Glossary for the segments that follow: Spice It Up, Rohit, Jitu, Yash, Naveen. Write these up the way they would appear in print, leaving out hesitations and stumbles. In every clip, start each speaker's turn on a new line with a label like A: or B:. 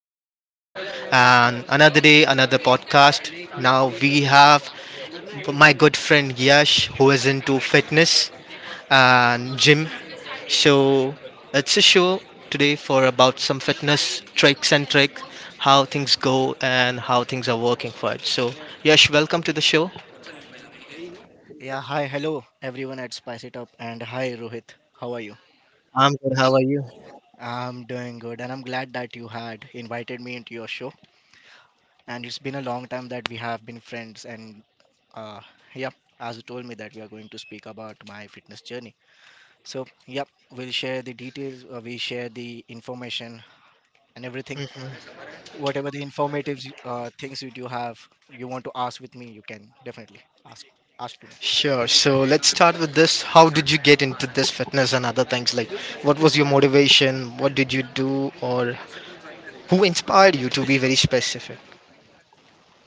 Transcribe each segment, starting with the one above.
A: Spice It Up, and another day, another podcast. Now we have my good friend Yash, who is into fitness and gym. So it's a show today for about some fitness tricks and trick, how things go and how things are working for it. So Yash, welcome to the show.
B: Yeah, hi, hello everyone at Spice It Up, and hi Rohit, how are you?
A: I'm good. How are you?
B: I'm doing good, and I'm glad that you had invited me into your show. And it's been a long time that we have been friends, and uh, yeah, as you told me that we are going to speak about my fitness journey. So, yep, we'll share the details, we share the information and everything. Whatever the informative things you do have, you want to ask with me, you can definitely ask ask to me.
A: Sure. So let's start with this. How did you get into this fitness and other things? Like, what was your motivation? What did you do, or who inspired you? To be very specific.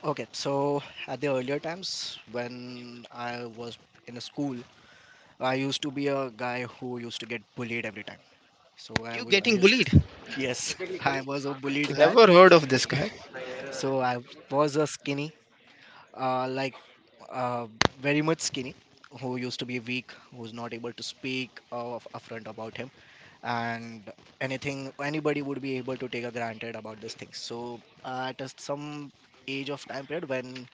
B: Okay, so at the earlier times when I was in a school, I used to be a guy who used to get bullied every time. So
A: You
B: I
A: getting
B: used
A: bullied?
B: yes, I was a bullied guy.
A: Never heard of this guy.
B: So I was a skinny, uh, like uh, very much skinny, who used to be weak, who's not able to speak of upfront about him, and anything anybody would be able to take a granted about these things. So at a, some age of time period when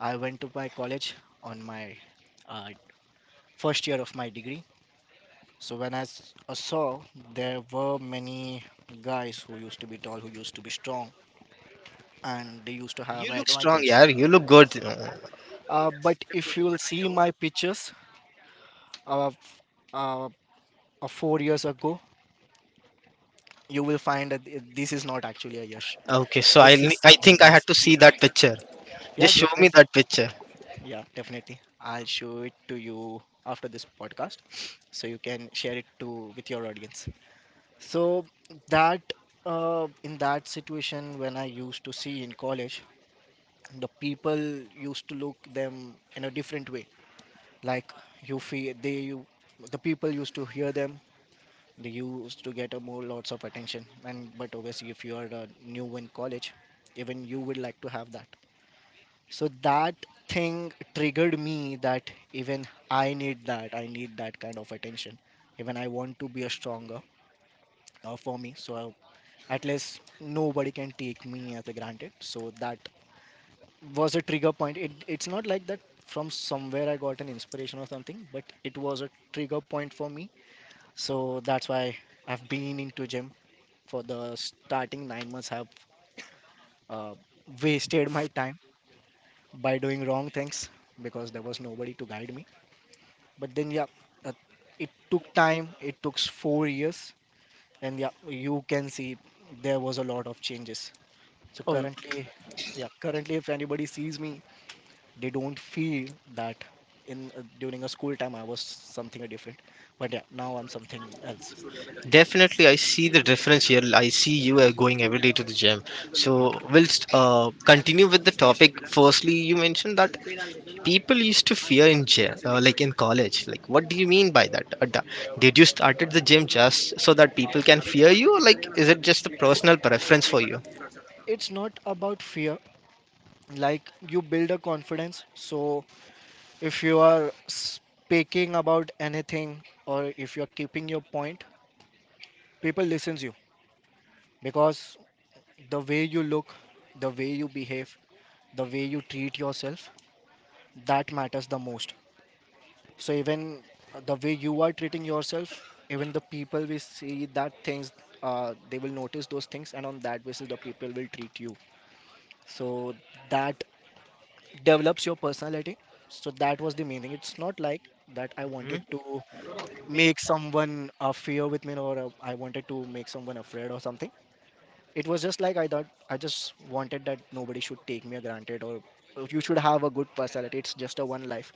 B: I went to my college on my uh, first year of my degree. So when I saw there were many guys who used to be tall, who used to be strong, and they used to have
A: You
B: an
A: look strong,
B: advantage.
A: yeah. You look good.
B: But if you will see my pictures of uh, of four years ago, you will find that this is not actually a Yash.
A: Okay, so I
B: This is
A: I think
B: something
A: I had
B: else.
A: to see that picture.
B: Yeah,
A: Just show me
B: definitely.
A: that picture.
B: Yeah, definitely. I'll show it to you after this podcast, so you can share it to with your audience. So that in that situation, when I used to see in college, the people used to look them in a different way. Like you feel, the people used to hear them. They used to get a more lots of attention. And but obviously, if you are new in college, even you would like to have that. So that thing triggered me that even I need that. I need that kind of attention. Even I want to be a stronger for me. So at least nobody can take me as a granted so that was a trigger point. It's not like that from somewhere I got an inspiration or something, but it was a trigger point for me. So that's why I've been into gym. For the starting nine months, I've uh, wasted my time by doing wrong things because there was nobody to guide me. But then yeah uh, it took time, it took four years, and yeah, you can see there was a lot of changes. So
A: Oh,
B: currently, yeah, currently, if anybody sees me, they don't feel that in during a school time I was something different. But yeah, now I'm something else.
A: definitely, I see the difference here. I see you are going every day to the gym.
B: Yeah,
A: So, we'll continue with the topic. Firstly, you mentioned that people used to fear in gym like in college. Like, what do you mean by that? Did you started the gym just so that people can fear you, or like is it just a personal preference for you?
B: it's not about fear. Like you build a confidence. So if you are speaking about anything or if you're keeping your point, people listens you because the way you look, the way you behave, the way you treat yourself, that matters the most. So even the way you are treating yourself, even the people will see that things, they will notice those things, and on that basis the people will treat you. So that develops your personality. So that was the meaning. It's not like that I
A: Hmm?
B: wanted to make someone fear with me, or I wanted to make someone afraid or something. It was just like I thought I just wanted that nobody should take me granted, or you should have a good personality. It's just a one life.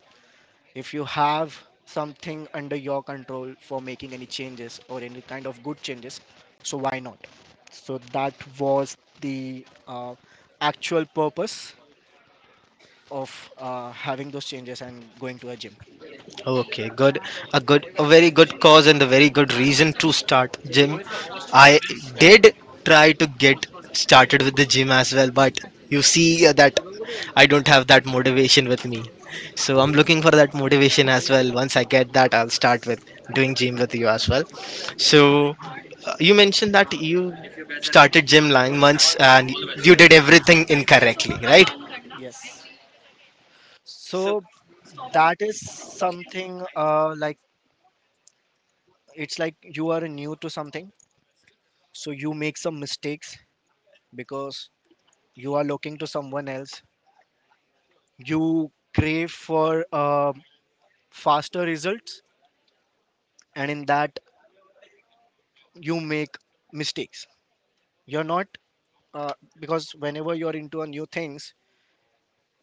B: If you have something under your control for making any changes or any kind of good changes, so why not. So that was the actual purpose of having those changes and going to a gym.
A: Okay, good. A good, a very good cause and a very good reason to start gym. I did try to get started with the gym as well, but you see that I don't have that motivation with me. So I'm looking for that motivation as well. Once I get that, I'll start with doing gym with you as well. So you mentioned that you started gym 9 months and you did everything incorrectly, right?
B: Yes, so that is something like it's like you are new to something, so you make some mistakes because you are looking to someone else. You crave for faster results, and in that you make mistakes. You're not uh, because whenever you're into a new things,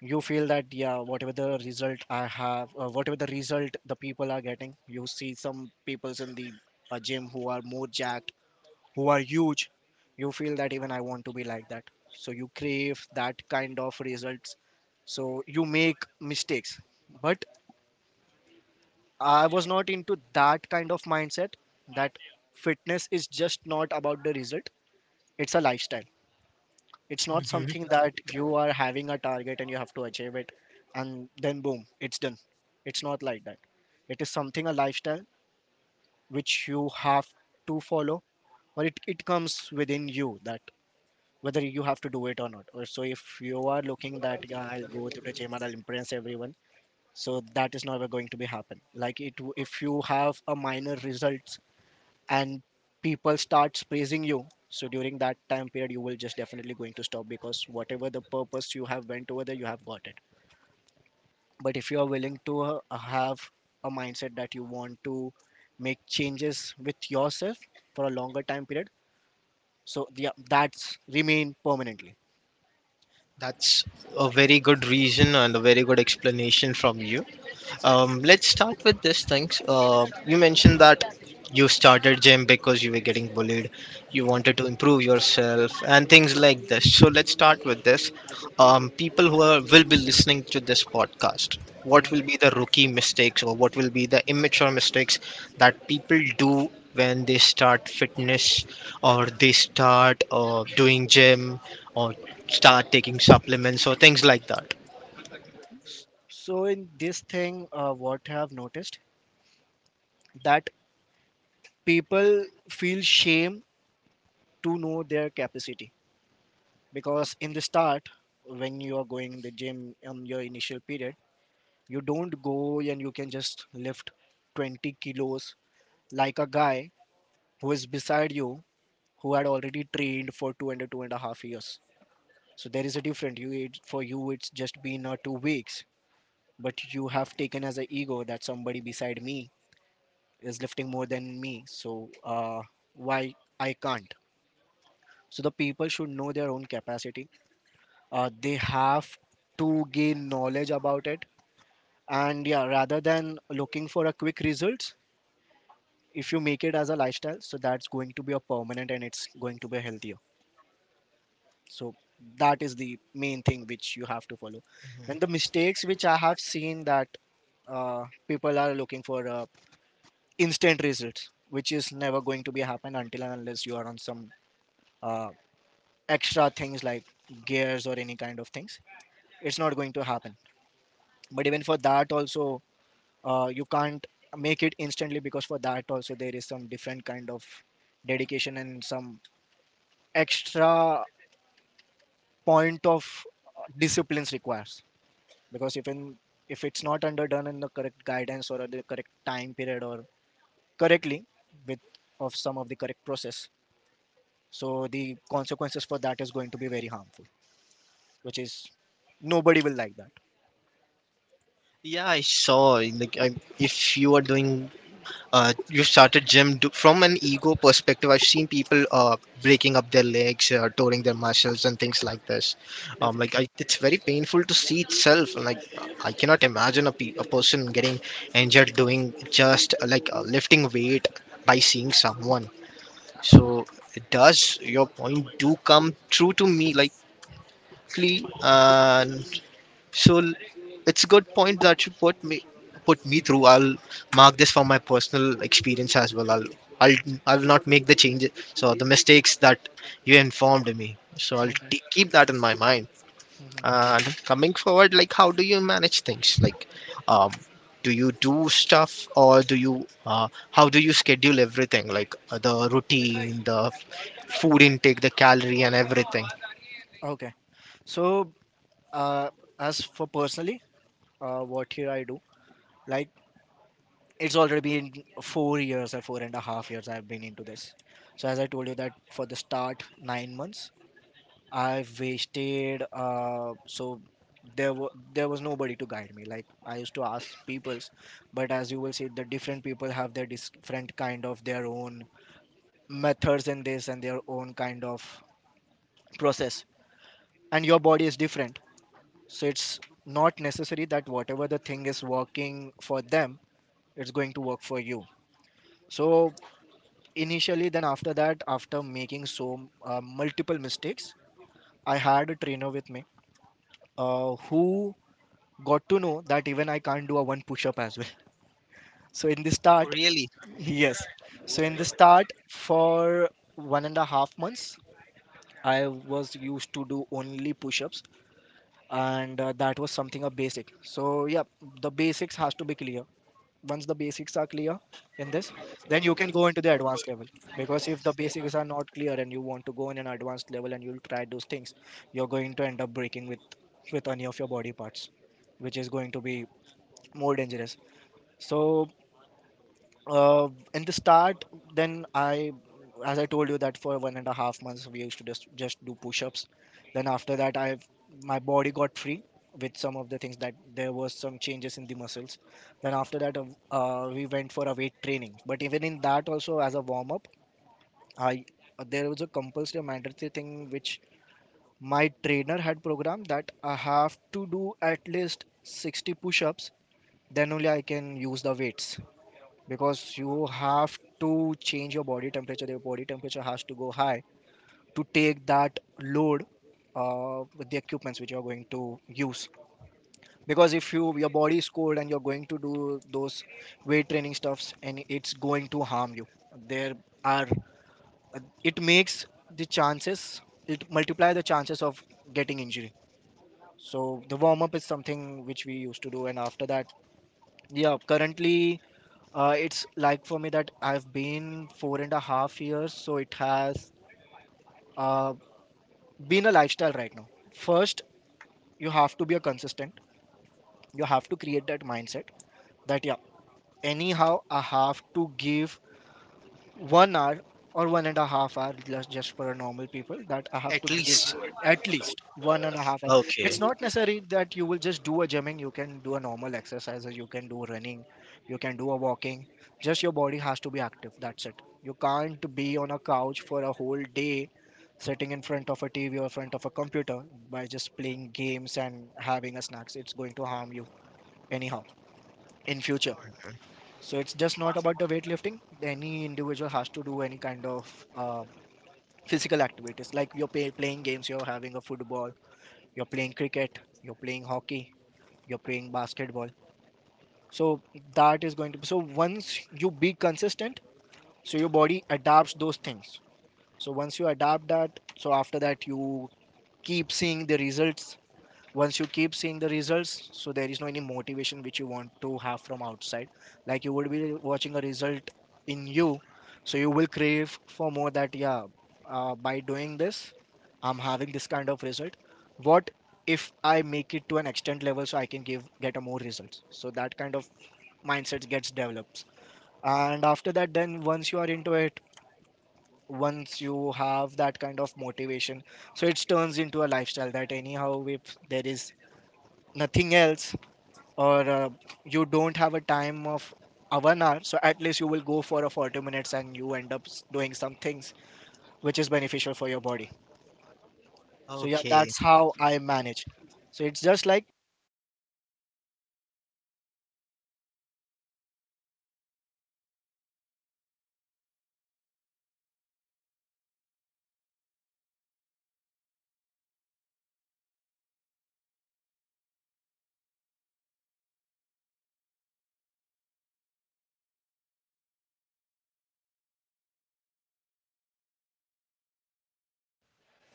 B: you feel that yeah, whatever the result I have, whatever the result the people are getting, you see some peoples in the gym who are more jacked, who are huge, you feel that even I want to be like that. So you crave that kind of results, so you make mistakes. But I was not into that kind of mindset. That fitness is just not about the result, it's a lifestyle. It's not something that you are having a target and you have to achieve it and then boom, it's done. It's not like that. It is something a lifestyle which you have to follow, or it comes within you that whether you have to do it or not. Or so if you are looking that yeah, I'll go to the gym and I'll impress everyone, so that is never going to be happen. Like if you have a minor results and people starts praising you, so during that time period you will just definitely going to stop because whatever the purpose you have went over there, you have got it. But if you are willing to have a mindset that you want to make changes with yourself for a longer time period, so that's remain permanently.
A: That's a very good reason and a very good explanation from you. Let's start with these things. You mentioned that you started gym because you were getting bullied. You
B: Yeah.
A: wanted to improve yourself and things like this. So let's start with this. People who are, will be listening to this podcast, what
B: Mhm.
A: will be the rookie mistakes, or what will be the immature mistakes that people do when they start fitness or they start doing gym or start taking supplements or things like that?
B: So in this thing, what I have noticed, that people feel shame to know their capacity. Because in the start, when you are going in the gym on your initial period, you don't go and you can just lift 20 kilos like a guy who is beside you who had already trained for two and a half years. So there is a different you, for you it's just been two weeks, but you have taken as an ego that somebody beside me is lifting more than me, so why I can't. So the people should know their own capacity. They have to gain knowledge about it. And yeah, rather than looking for a quick results, if you make it as a lifestyle, so that's going to be a permanent and it's going to be healthier. So that is the main thing which you have to follow. And the mistakes which I have seen, that people are looking for instant results, which is never going to be happen until and unless you are on some uh, extra things like gears or any kind of things. It's not going to happen. But even for that also, you can't make it instantly because for that also there is some different kind of dedication and some extra point of disciplines requires. Because if in if it's not underdone in the correct guidance or at the correct time period, or correctly with of some of the correct process, so the consequences for that is going to be very harmful, which is nobody will like that.
A: Yeah, I saw. If you are doing, you started gym do, from an ego perspective. I've seen people breaking up their legs, tearing their muscles, and things like this.
B: Definitely.
A: It's very painful to see itself. Like, I cannot imagine a person getting injured doing just lifting weight by seeing someone. So, it does your point do come true to me? Like, uh, so l- it's a good point that you put me through. I'll mark this for my personal experience as well. I'll I'll not make the changes. So the mistakes that you informed me. So I'll
B: Hmm.
A: keep that in my mind.
B: Hmm.
A: And coming forward, like how do you manage things? Like, um, do you do stuff, or do you how do you schedule everything? Like the routine, the food intake, the calorie, and everything.
B: Okay, so uh, as for personally, what here I do, like it's already been four years or four and a half years I've been into this. So as I told you that for the start nine months I've wasted. So there was nobody to guide me. Like I used to ask peoples, but as you will see, the different people have their different kind of their own methods in this and their own kind of process. And your body is different, so it's not necessary that whatever the thing is working for them, it's going to work for you. So initially, then after that, after making multiple mistakes, I had a trainer with me, who got to know that even I can't do a one push up as well. So in the start,
A: Really,
B: yes. So in the start for 1.5 months, I was used to do only push ups, and that was something of basic. So yeah, the basics has to be clear. Once the basics are clear in this, then you can go into the advanced level. Because if the basics are not clear and you want to go in an advanced level and you'll try those things, you're going to end up breaking with any of your body parts, which is going to be more dangerous. So uh, in the start, then I as I told you, that for 1.5 months we used to just do push-ups. Then after that, I, my body got free with some of the things, that there was some changes in the muscles. Then after that, we went for a weight training, but even in that also, as a warm-up, I, there was a compulsory mandatory thing which my trainer had programmed, that I have to do at least 60 push-ups, then only I can use the weights. Because you have to change your body temperature. Your body temperature has to go high to take that load with the equipments which you are going to use. Because if you, your body is cold and you're going to do those weight training stuffs, and it's going to harm you. There are, it makes the chances, it multiply the chances of getting injury. So the warm up is something which we used to do, and after that, yeah, currently, it's like for me that I've been 4.5 years, so it has uh, been a lifestyle right now. First, you have to be a consistent. You have to create that mindset that yeah, anyhow I have to give 1 hour or 1.5 hour, just for a normal people, that I have to
A: at
B: give
A: least.
B: at least 1.5 hour.
A: Okay.
B: It's not necessary that you will just do a gymming, you can do a normal exercise, you can do running, you can do a walking. Just your body has to be active, that's it. You can't be on a couch for a whole day sitting in front of a tv or front of a computer, by just playing games and having a snacks. It's going to harm you anyhow in future. So it's just not about the weightlifting. Any individual has to do any kind of physical activities, like you're playing games, you're having a football, you're playing cricket, you're playing hockey, you're playing basketball. So that is going to be, so once you be consistent, so your body adapts those things. So once you adapt that, so after that you keep seeing the results. Once you keep seeing the results, so there is no any motivation which you want to have from outside. Like you would be watching a result in you, so you will crave for more, that yeah, by doing this I'm having this kind of result. What if I make it to an extent level, so I can give get a more results. So that kind of mindset gets developed, and after that, then once you are into it, once you have that kind of motivation, so it turns into a lifestyle, that anyhow if there is nothing else or you don't have a time of a 1 hour, so at least you will go for a 40 minutes and you end up doing some things which is beneficial for your body. So yeah,
A: Okay.
B: that's how I manage. So it's just like,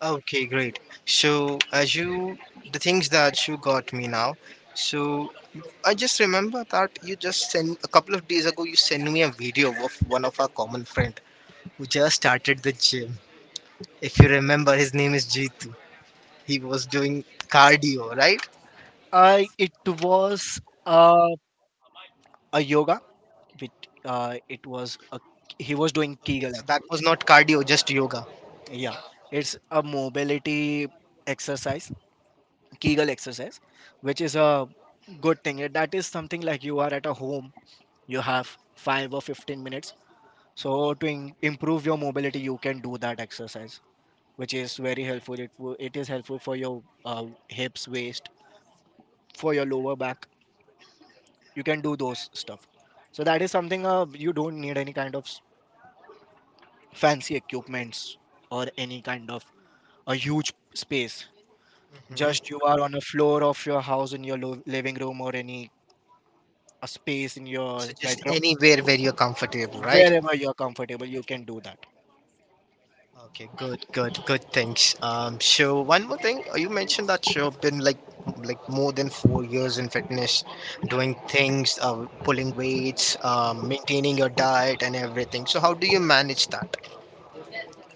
A: Okay, great. So, the things that you got me now. So, I just remember that you just sent a couple of days ago. You sent me a video of one of our common friend who just started the gym. If you remember, his name is Jitu. He was doing cardio, right?
B: I, it was uh, a yoga with, it was a, he was doing kegel
A: So that
B: actually.
A: was not cardio, just yoga.
B: Yeah, it's a mobility exercise, kegel exercise, which is a good thing. That is something like you are at a home, you have 5 or 15 minutes. So to improve your mobility, you can do that exercise, which is very helpful. It it is helpful for your hips, waist, for your lower back. You can do those stuff. So that is something, you don't need any kind of fancy equipments or any kind of a huge space. Just
A: Mhm.
B: you are on the floor of your house, in your living room, or any a space in your
A: So just
B: bedroom,
A: anywhere where you're comfortable, right?
B: wherever you are comfortable, you can do that.
A: Okay, good, good, good. Thanks. So one more thing, you mentioned that you've been like more than 4 years in fitness, doing things, pulling weights,
B: Mm-hmm.
A: maintaining your diet and everything. So how do you manage that?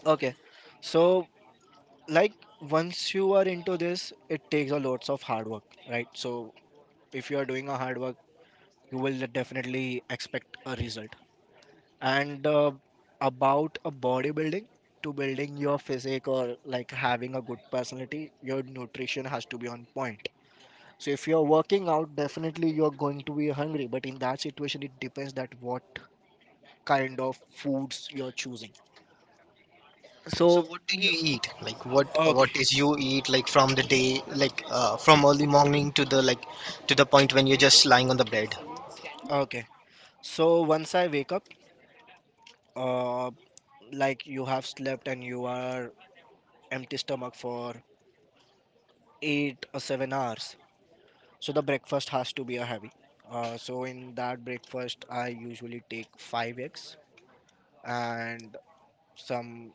B: Okay, so like once you are into this, it takes a lots of hard work, right? So if you are doing a hard work, you will definitely expect a result. And about a bodybuilding, to building your physique or like having a good personality, your nutrition has to be on point. So if you're working out, definitely you're going to be hungry, but in that situation it depends that what kind of foods you're choosing.
A: So
B: So
A: what do you eat?
B: okay,
A: What is you eat like from the day, like from early morning to the, to the point when you're just lying on the bed?
B: okay, so once I wake up, uh, like you have slept and you are empty stomach for 8 or 7 hours, so the breakfast has to be a heavy. So in that breakfast I usually take 5 eggs and some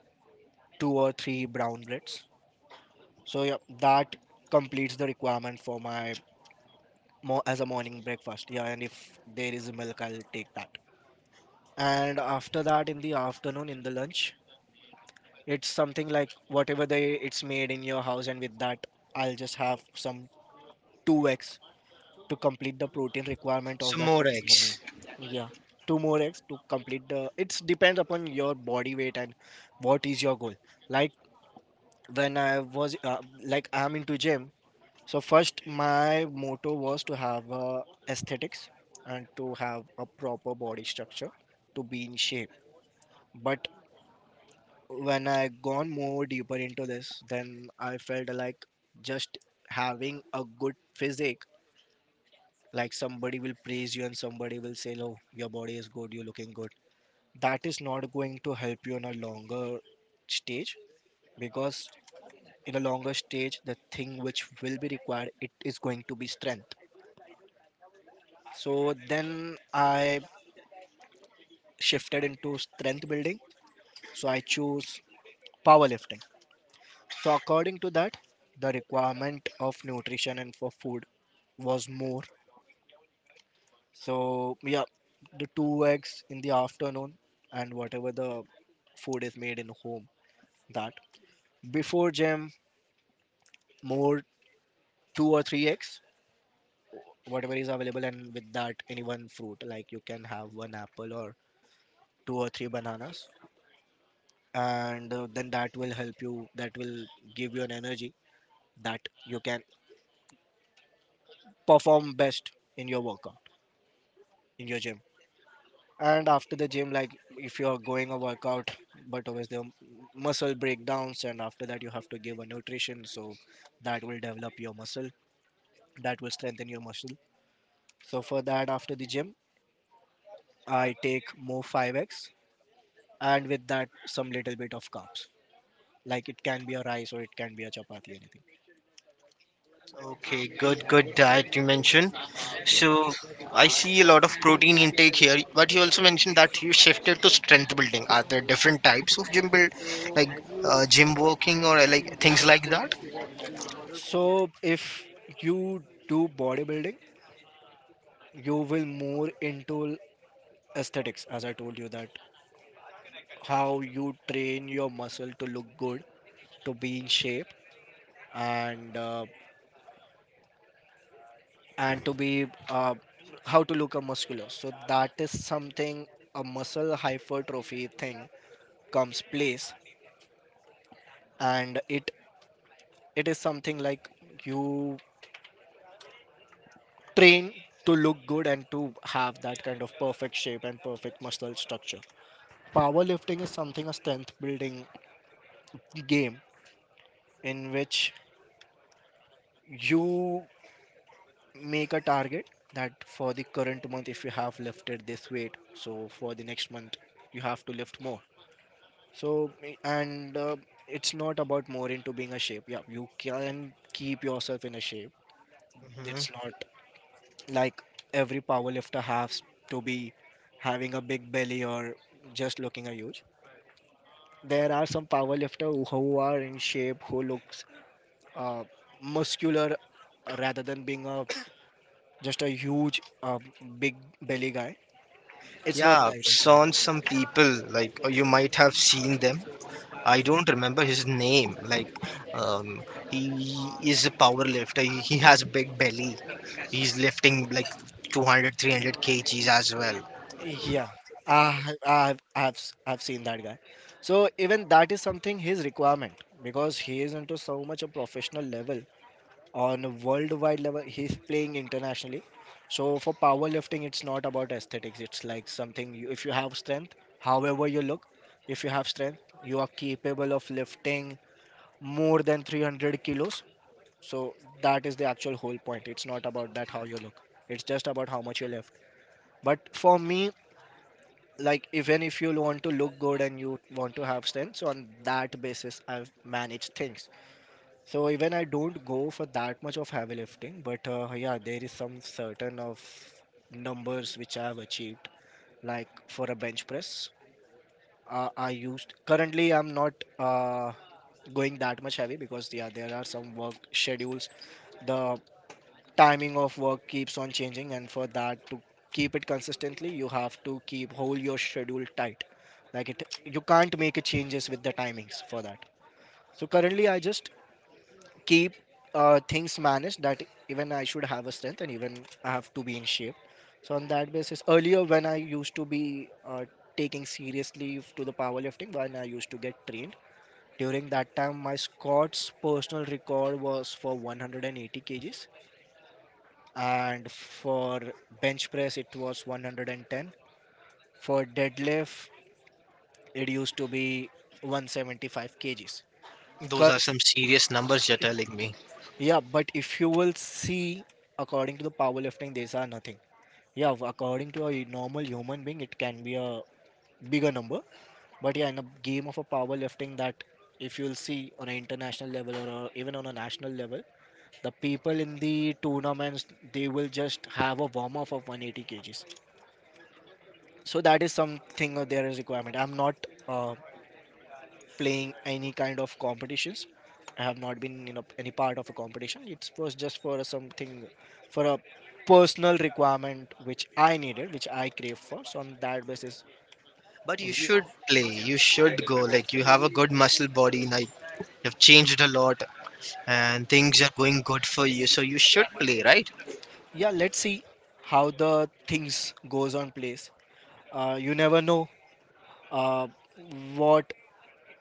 B: 2 or 3 brown breads. So yeah, that completes the requirement for my more as a morning breakfast. Yeah, and if there is milk, I'll take that. And after that, in the afternoon, in the lunch, it's something like whatever they, it's made in your house, and with that, I'll just have some 2 eggs to complete the protein requirement
A: So
B: of that
A: more
B: particular meal.
A: eggs.
B: Yeah, 2 more eggs to complete the. It depends upon your body weight and what is your goal. Like when I was like I'm into gym, so first my motto was to have aesthetics and to have a proper body structure, to be in shape. But when I gone more deeper into this, then I felt like, just having a good physique, like somebody will praise you and somebody will say, "Oh, your body is good, you're looking good." That is not going to help you in a longer stage. Because in a longer stage, the thing which will be required, it is going to be strength. So then I shifted into strength building. So I choose powerlifting. So according to that, the requirement of nutrition and for food was more. So yeah, the 2 eggs in the afternoon, and whatever the food is made in home, that, before gym, more 2 or 3 eggs, whatever is available, and with that any one fruit, like you can have one apple or 2 or 3 bananas. And then that will help you, that will give you an energy, that you can perform best in your workout, in your gym. And after the gym, like if you're going a workout, but always the muscle breakdowns, and after that you have to give a nutrition, so that will develop your muscle, that will strengthen your muscle. So for that, after the gym, I take more 5x, and with that some little bit of carbs, like it can be a rice, or it can be a chapati, anything.
A: Okay, good, good diet you mentioned.
B: Yeah,
A: So I see a lot of protein intake here, but you also mentioned that you shifted to strength building. Are there different types of gym build, like gym walking or like things like that?
B: so if you do bodybuilding, you will more into aesthetics, as I told you, that how you train your muscle to look good, to be in shape, and uh, and to be, how to look a muscular. So that is something, a muscle hypertrophy thing comes place, and it is something like, you train to look good, and to have that kind of perfect shape and perfect muscle structure. Powerlifting is something, a strength building game, in which you make a target, that for the current month if you have lifted this weight, so for the next month you have to lift more. So and it's not about more into being a shape, yeah, you can keep yourself in a shape.
A: Mhm.
B: It's not like every power lifter has to be having a big belly, or just looking a huge. There are some power lifter who are in shape, who looks uh, muscular, rather than being a just a huge, uh, big belly guy. It's not
A: Yeah,
B: like that.
A: saw some people like, you might have seen them. I
B: Like,
A: don't remember his name. Like, um, he is a power lifter. He has a big belly. He's lifting like 200, 300 kgs as well.
B: yeah, I, I've, s- I've seen that guy. So even that is something, his requirement, because he is into so much a professional level, on a worldwide level. He's playing internationally. So for powerlifting, it's not about aesthetics. It's like something you, if you have strength, however you look, if you have strength, you are capable of lifting more than 300 kilos. So that is the actual whole point. It's not about that how you look. It's just about how much you lift. But for me, like even if you want to look good and you want to have strength, so on that basis I've managed things. So even I don't go for that much of heavy lifting, but yeah, there is some certain of numbers which I have achieved. Like for a bench press, I used currently I'm not going that much heavy because yeah, there are some work schedules. The timing of work keeps on changing, and for that to keep it consistently you have to keep hold your schedule tight. Like it you can't make a changes with the timings for that. So currently I just keep things managed that even I should have a strength and even I have to be in shape. So on that basis earlier when I used to be uh, taking seriously to the powerlifting, when I used to get trained during that time, my squats personal record was for 180 kgs, and for bench press it was 110, for deadlift it used to be 175 kgs.
A: Those are
B: Cur-
A: some serious numbers you're telling me.
B: yeah, but if you will see, according to the powerlifting these are nothing. Yeah, according to a normal human being it can be a bigger number, but yeah, in a game of a powerlifting, that if you'll see on an international level or even on a national level, the people in the tournaments, they will just have a warm up of 180 kgs. So that is something of there is requirement. I'm not uh, playing any kind of competitions. I have not been any part of a competition. It was just for a something, for a personal requirement which I needed, which I crave for. So on that basis
A: But you
B: we-
A: should play. You should go. Like you have a good muscle body. Like you've changed a lot, and things are going good for you. So you should play, right?
B: yeah, let's see how the things goes on place. You never know uh, what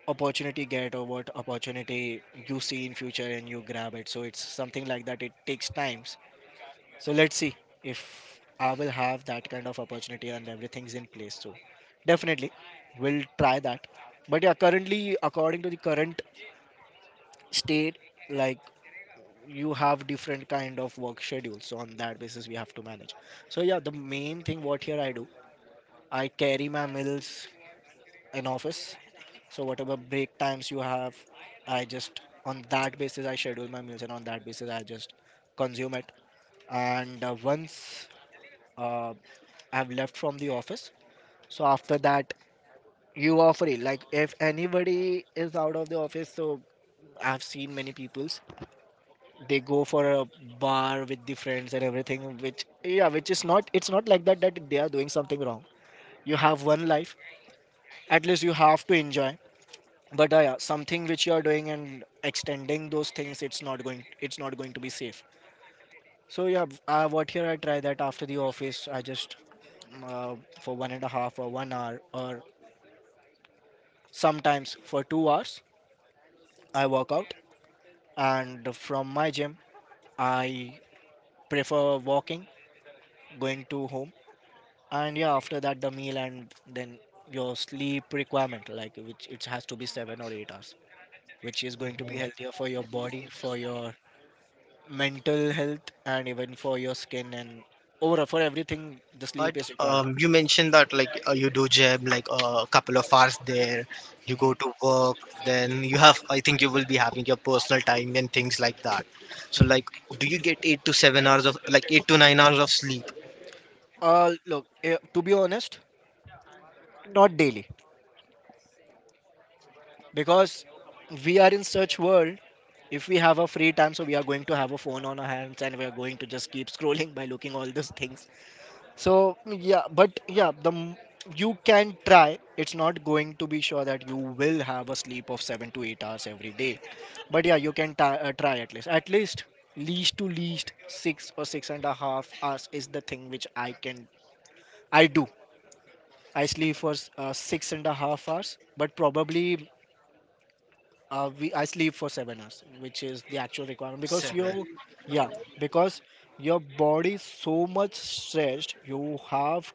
B: opportunity you get or what opportunity you see in future and you grab it. So it's something like that, it takes times. So let's see if I will have that kind of opportunity and everything's in place. So definitely we'll try that. But yeah, currently according to the current state, like you have different kind of work schedules. So on that basis we have to manage. So yeah, the main thing what here I do, I carry my meals in office. So whatever break times you have, I just on that basis I schedule my meals and on that basis I just consume it. And once uh, I've left from the office. So after that, you are free. Like if anybody is out of the office, so I've seen many peoples. They go for a bar with the friends and everything. Which yeah, which is not. It's not like that that they are doing something wrong. You have one life. At least you have to enjoy. But yeah, something which you are doing and extending those things, it's not going. It's not going to be safe. So yeah, what here I try that after the office, I just uh, for one and a half or 1 hour or sometimes for 2 hours I work out, and from my gym, I prefer walking, going to home, and yeah, after that the meal and then your sleep requirement, like which it has to be 7 or 8 hours, which is going to be
A: Mhm.
B: healthier for your body, for your mental health, and even for your skin and overall for everything. The sleep
A: But
B: is required.
A: you mentioned that like you do gym like a couple of hours there. You go
B: Mhm,
A: to work. Then you have. I think you will be having your personal time and things like that. So like,
B: mhm.
A: do you get 8 to 7 hours of, like, 8 to 9 hours of sleep?
B: Look, to be honest, not daily because we are in such world. If we have a free time, so we are going to have a phone on our hands and we are going to just keep scrolling by looking all these things. So yeah, but yeah, you can try. It's not going to be sure that you will have a sleep of 7 to 8 hours every day, but yeah, you can try at least, at least, least to least, six or six and a half hours is the thing which I do. I sleep for six and a half hours, but probably we I sleep for 7 hours, which is the actual requirement because
A: Seven.
B: your yeah, because your body is so much stretched, you have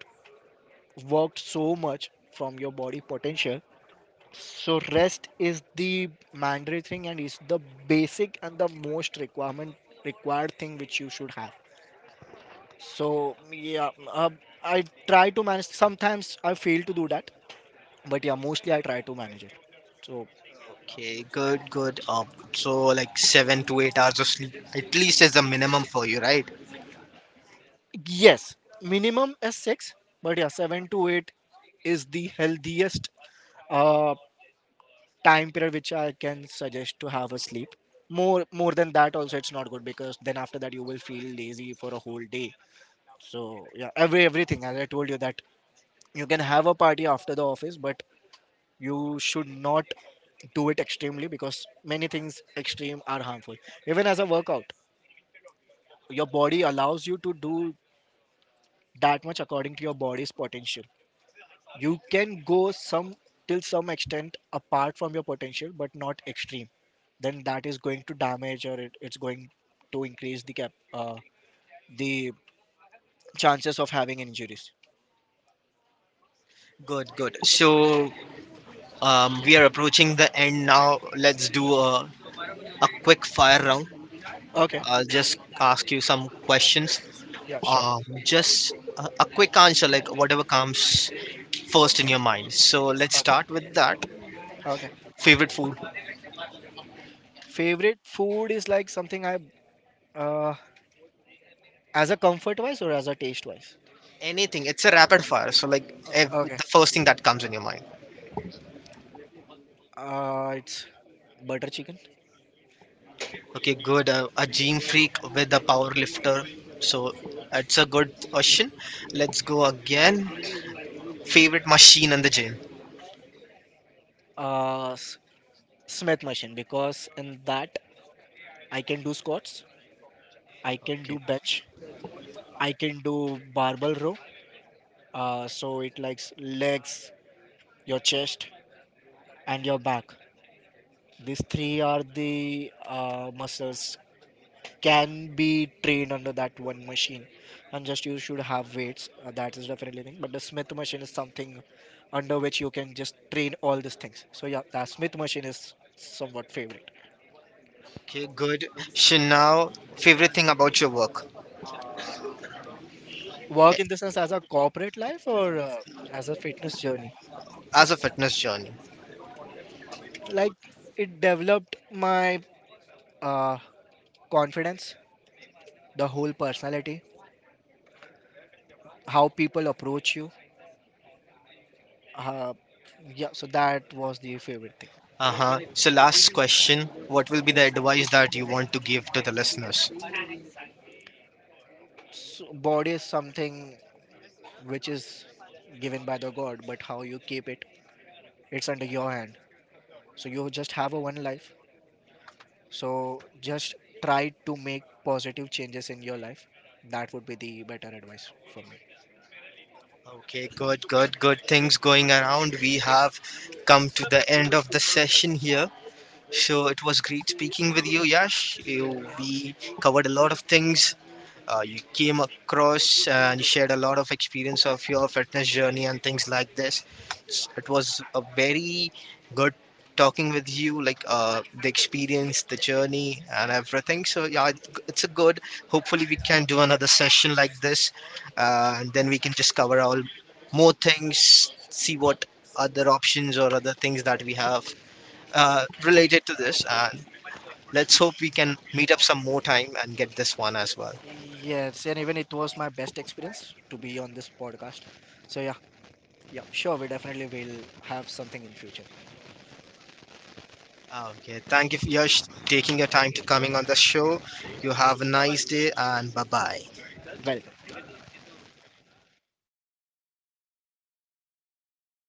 B: worked so much from your body potential. So rest is the mandatory thing and is the basic and the most requirement required thing which you should have. So yeah, I try to manage. Sometimes I fail to do that, but yeah, mostly I try to manage it. So
A: Okay, good, good. So like 7 to 8 hours of sleep at least is the minimum for you, right?
B: yes, minimum is six, but yeah, seven to eight is the healthiest uh, time period which I can suggest to have a sleep. More than that, also it's not good because then after that you will feel lazy for a whole day. So yeah, everything as I told you that you can have a party after the office, but you should not do it extremely because many things extreme are harmful. Even as a workout, your body allows you to do that much. According to your body's potential you can go some till some extent apart from your potential, but not extreme, then that is going to damage or it's going to increase the chances of having injuries.
A: Good, good. So we are approaching the end now. Let's do a quick fire round.
B: Okay.
A: I'll just ask you some questions.
B: Yeah, sure.
A: Just a quick answer, like whatever comes first in your mind. So let's
B: Okay.
A: start with that.
B: Okay,
A: Favorite food?
B: favorite food is like something I uh, as a comfort wise or as a taste wise.
A: Anything. It's a rapid fire. So like
B: uh,
A: the
B: okay
A: first thing that comes in your mind.
B: it's butter chicken.
A: Okay, good. A gym freak with a power lifter. So that's a good question. Let's go again. Favorite machine in the gym.
B: uh, s- Smith machine, because in that I can do squats, I can
A: Okay.
B: do bench. I can do barbell row. So it likes legs, your chest, and your back. These three are the muscles can be trained under that one machine, and just you should have weights. That is definitely thing. But the Smith machine is something under which you can just train all these things. So yeah, the Smith machine is somewhat favorite.
A: Okay, good. So now, favorite thing about your work.
B: Work in
A: eh,
B: the sense as a corporate life or as a fitness journey.
A: as a fitness journey.
B: Like it developed my uh, confidence, the whole personality, how people approach you. Uh, yeah, so that was the favorite thing.
A: Uh huh. So last question. What will be the advice that you want to give to the listeners?
B: So body is something which is given by the God, but how you keep it, it's under your hand. So you just have a one life. So just try to make positive changes in your life. That would be the better advice for me.
A: Okay, good, good, good things going around. We have come to the end of the session here. Sure, it was great speaking with you, Yash. We covered a lot of things. You came across and you shared a lot of experience of your fitness journey and things like this. It was a very good talking with you, like the experience, the journey, and everything. So yeah, it's a good. Hopefully, we can do another session like this, and then we can just cover all more things. See what other options or other things that we have related to this. And let's hope we can meet up some more time and get this one as well.
B: Yes, and even it was my best experience to be on this podcast. So yeah, yeah, sure, we definitely will have something in future.
A: Ah, okay, thank you for Yash taking your time to coming on the show. You have a nice day and bye bye.
B: Well.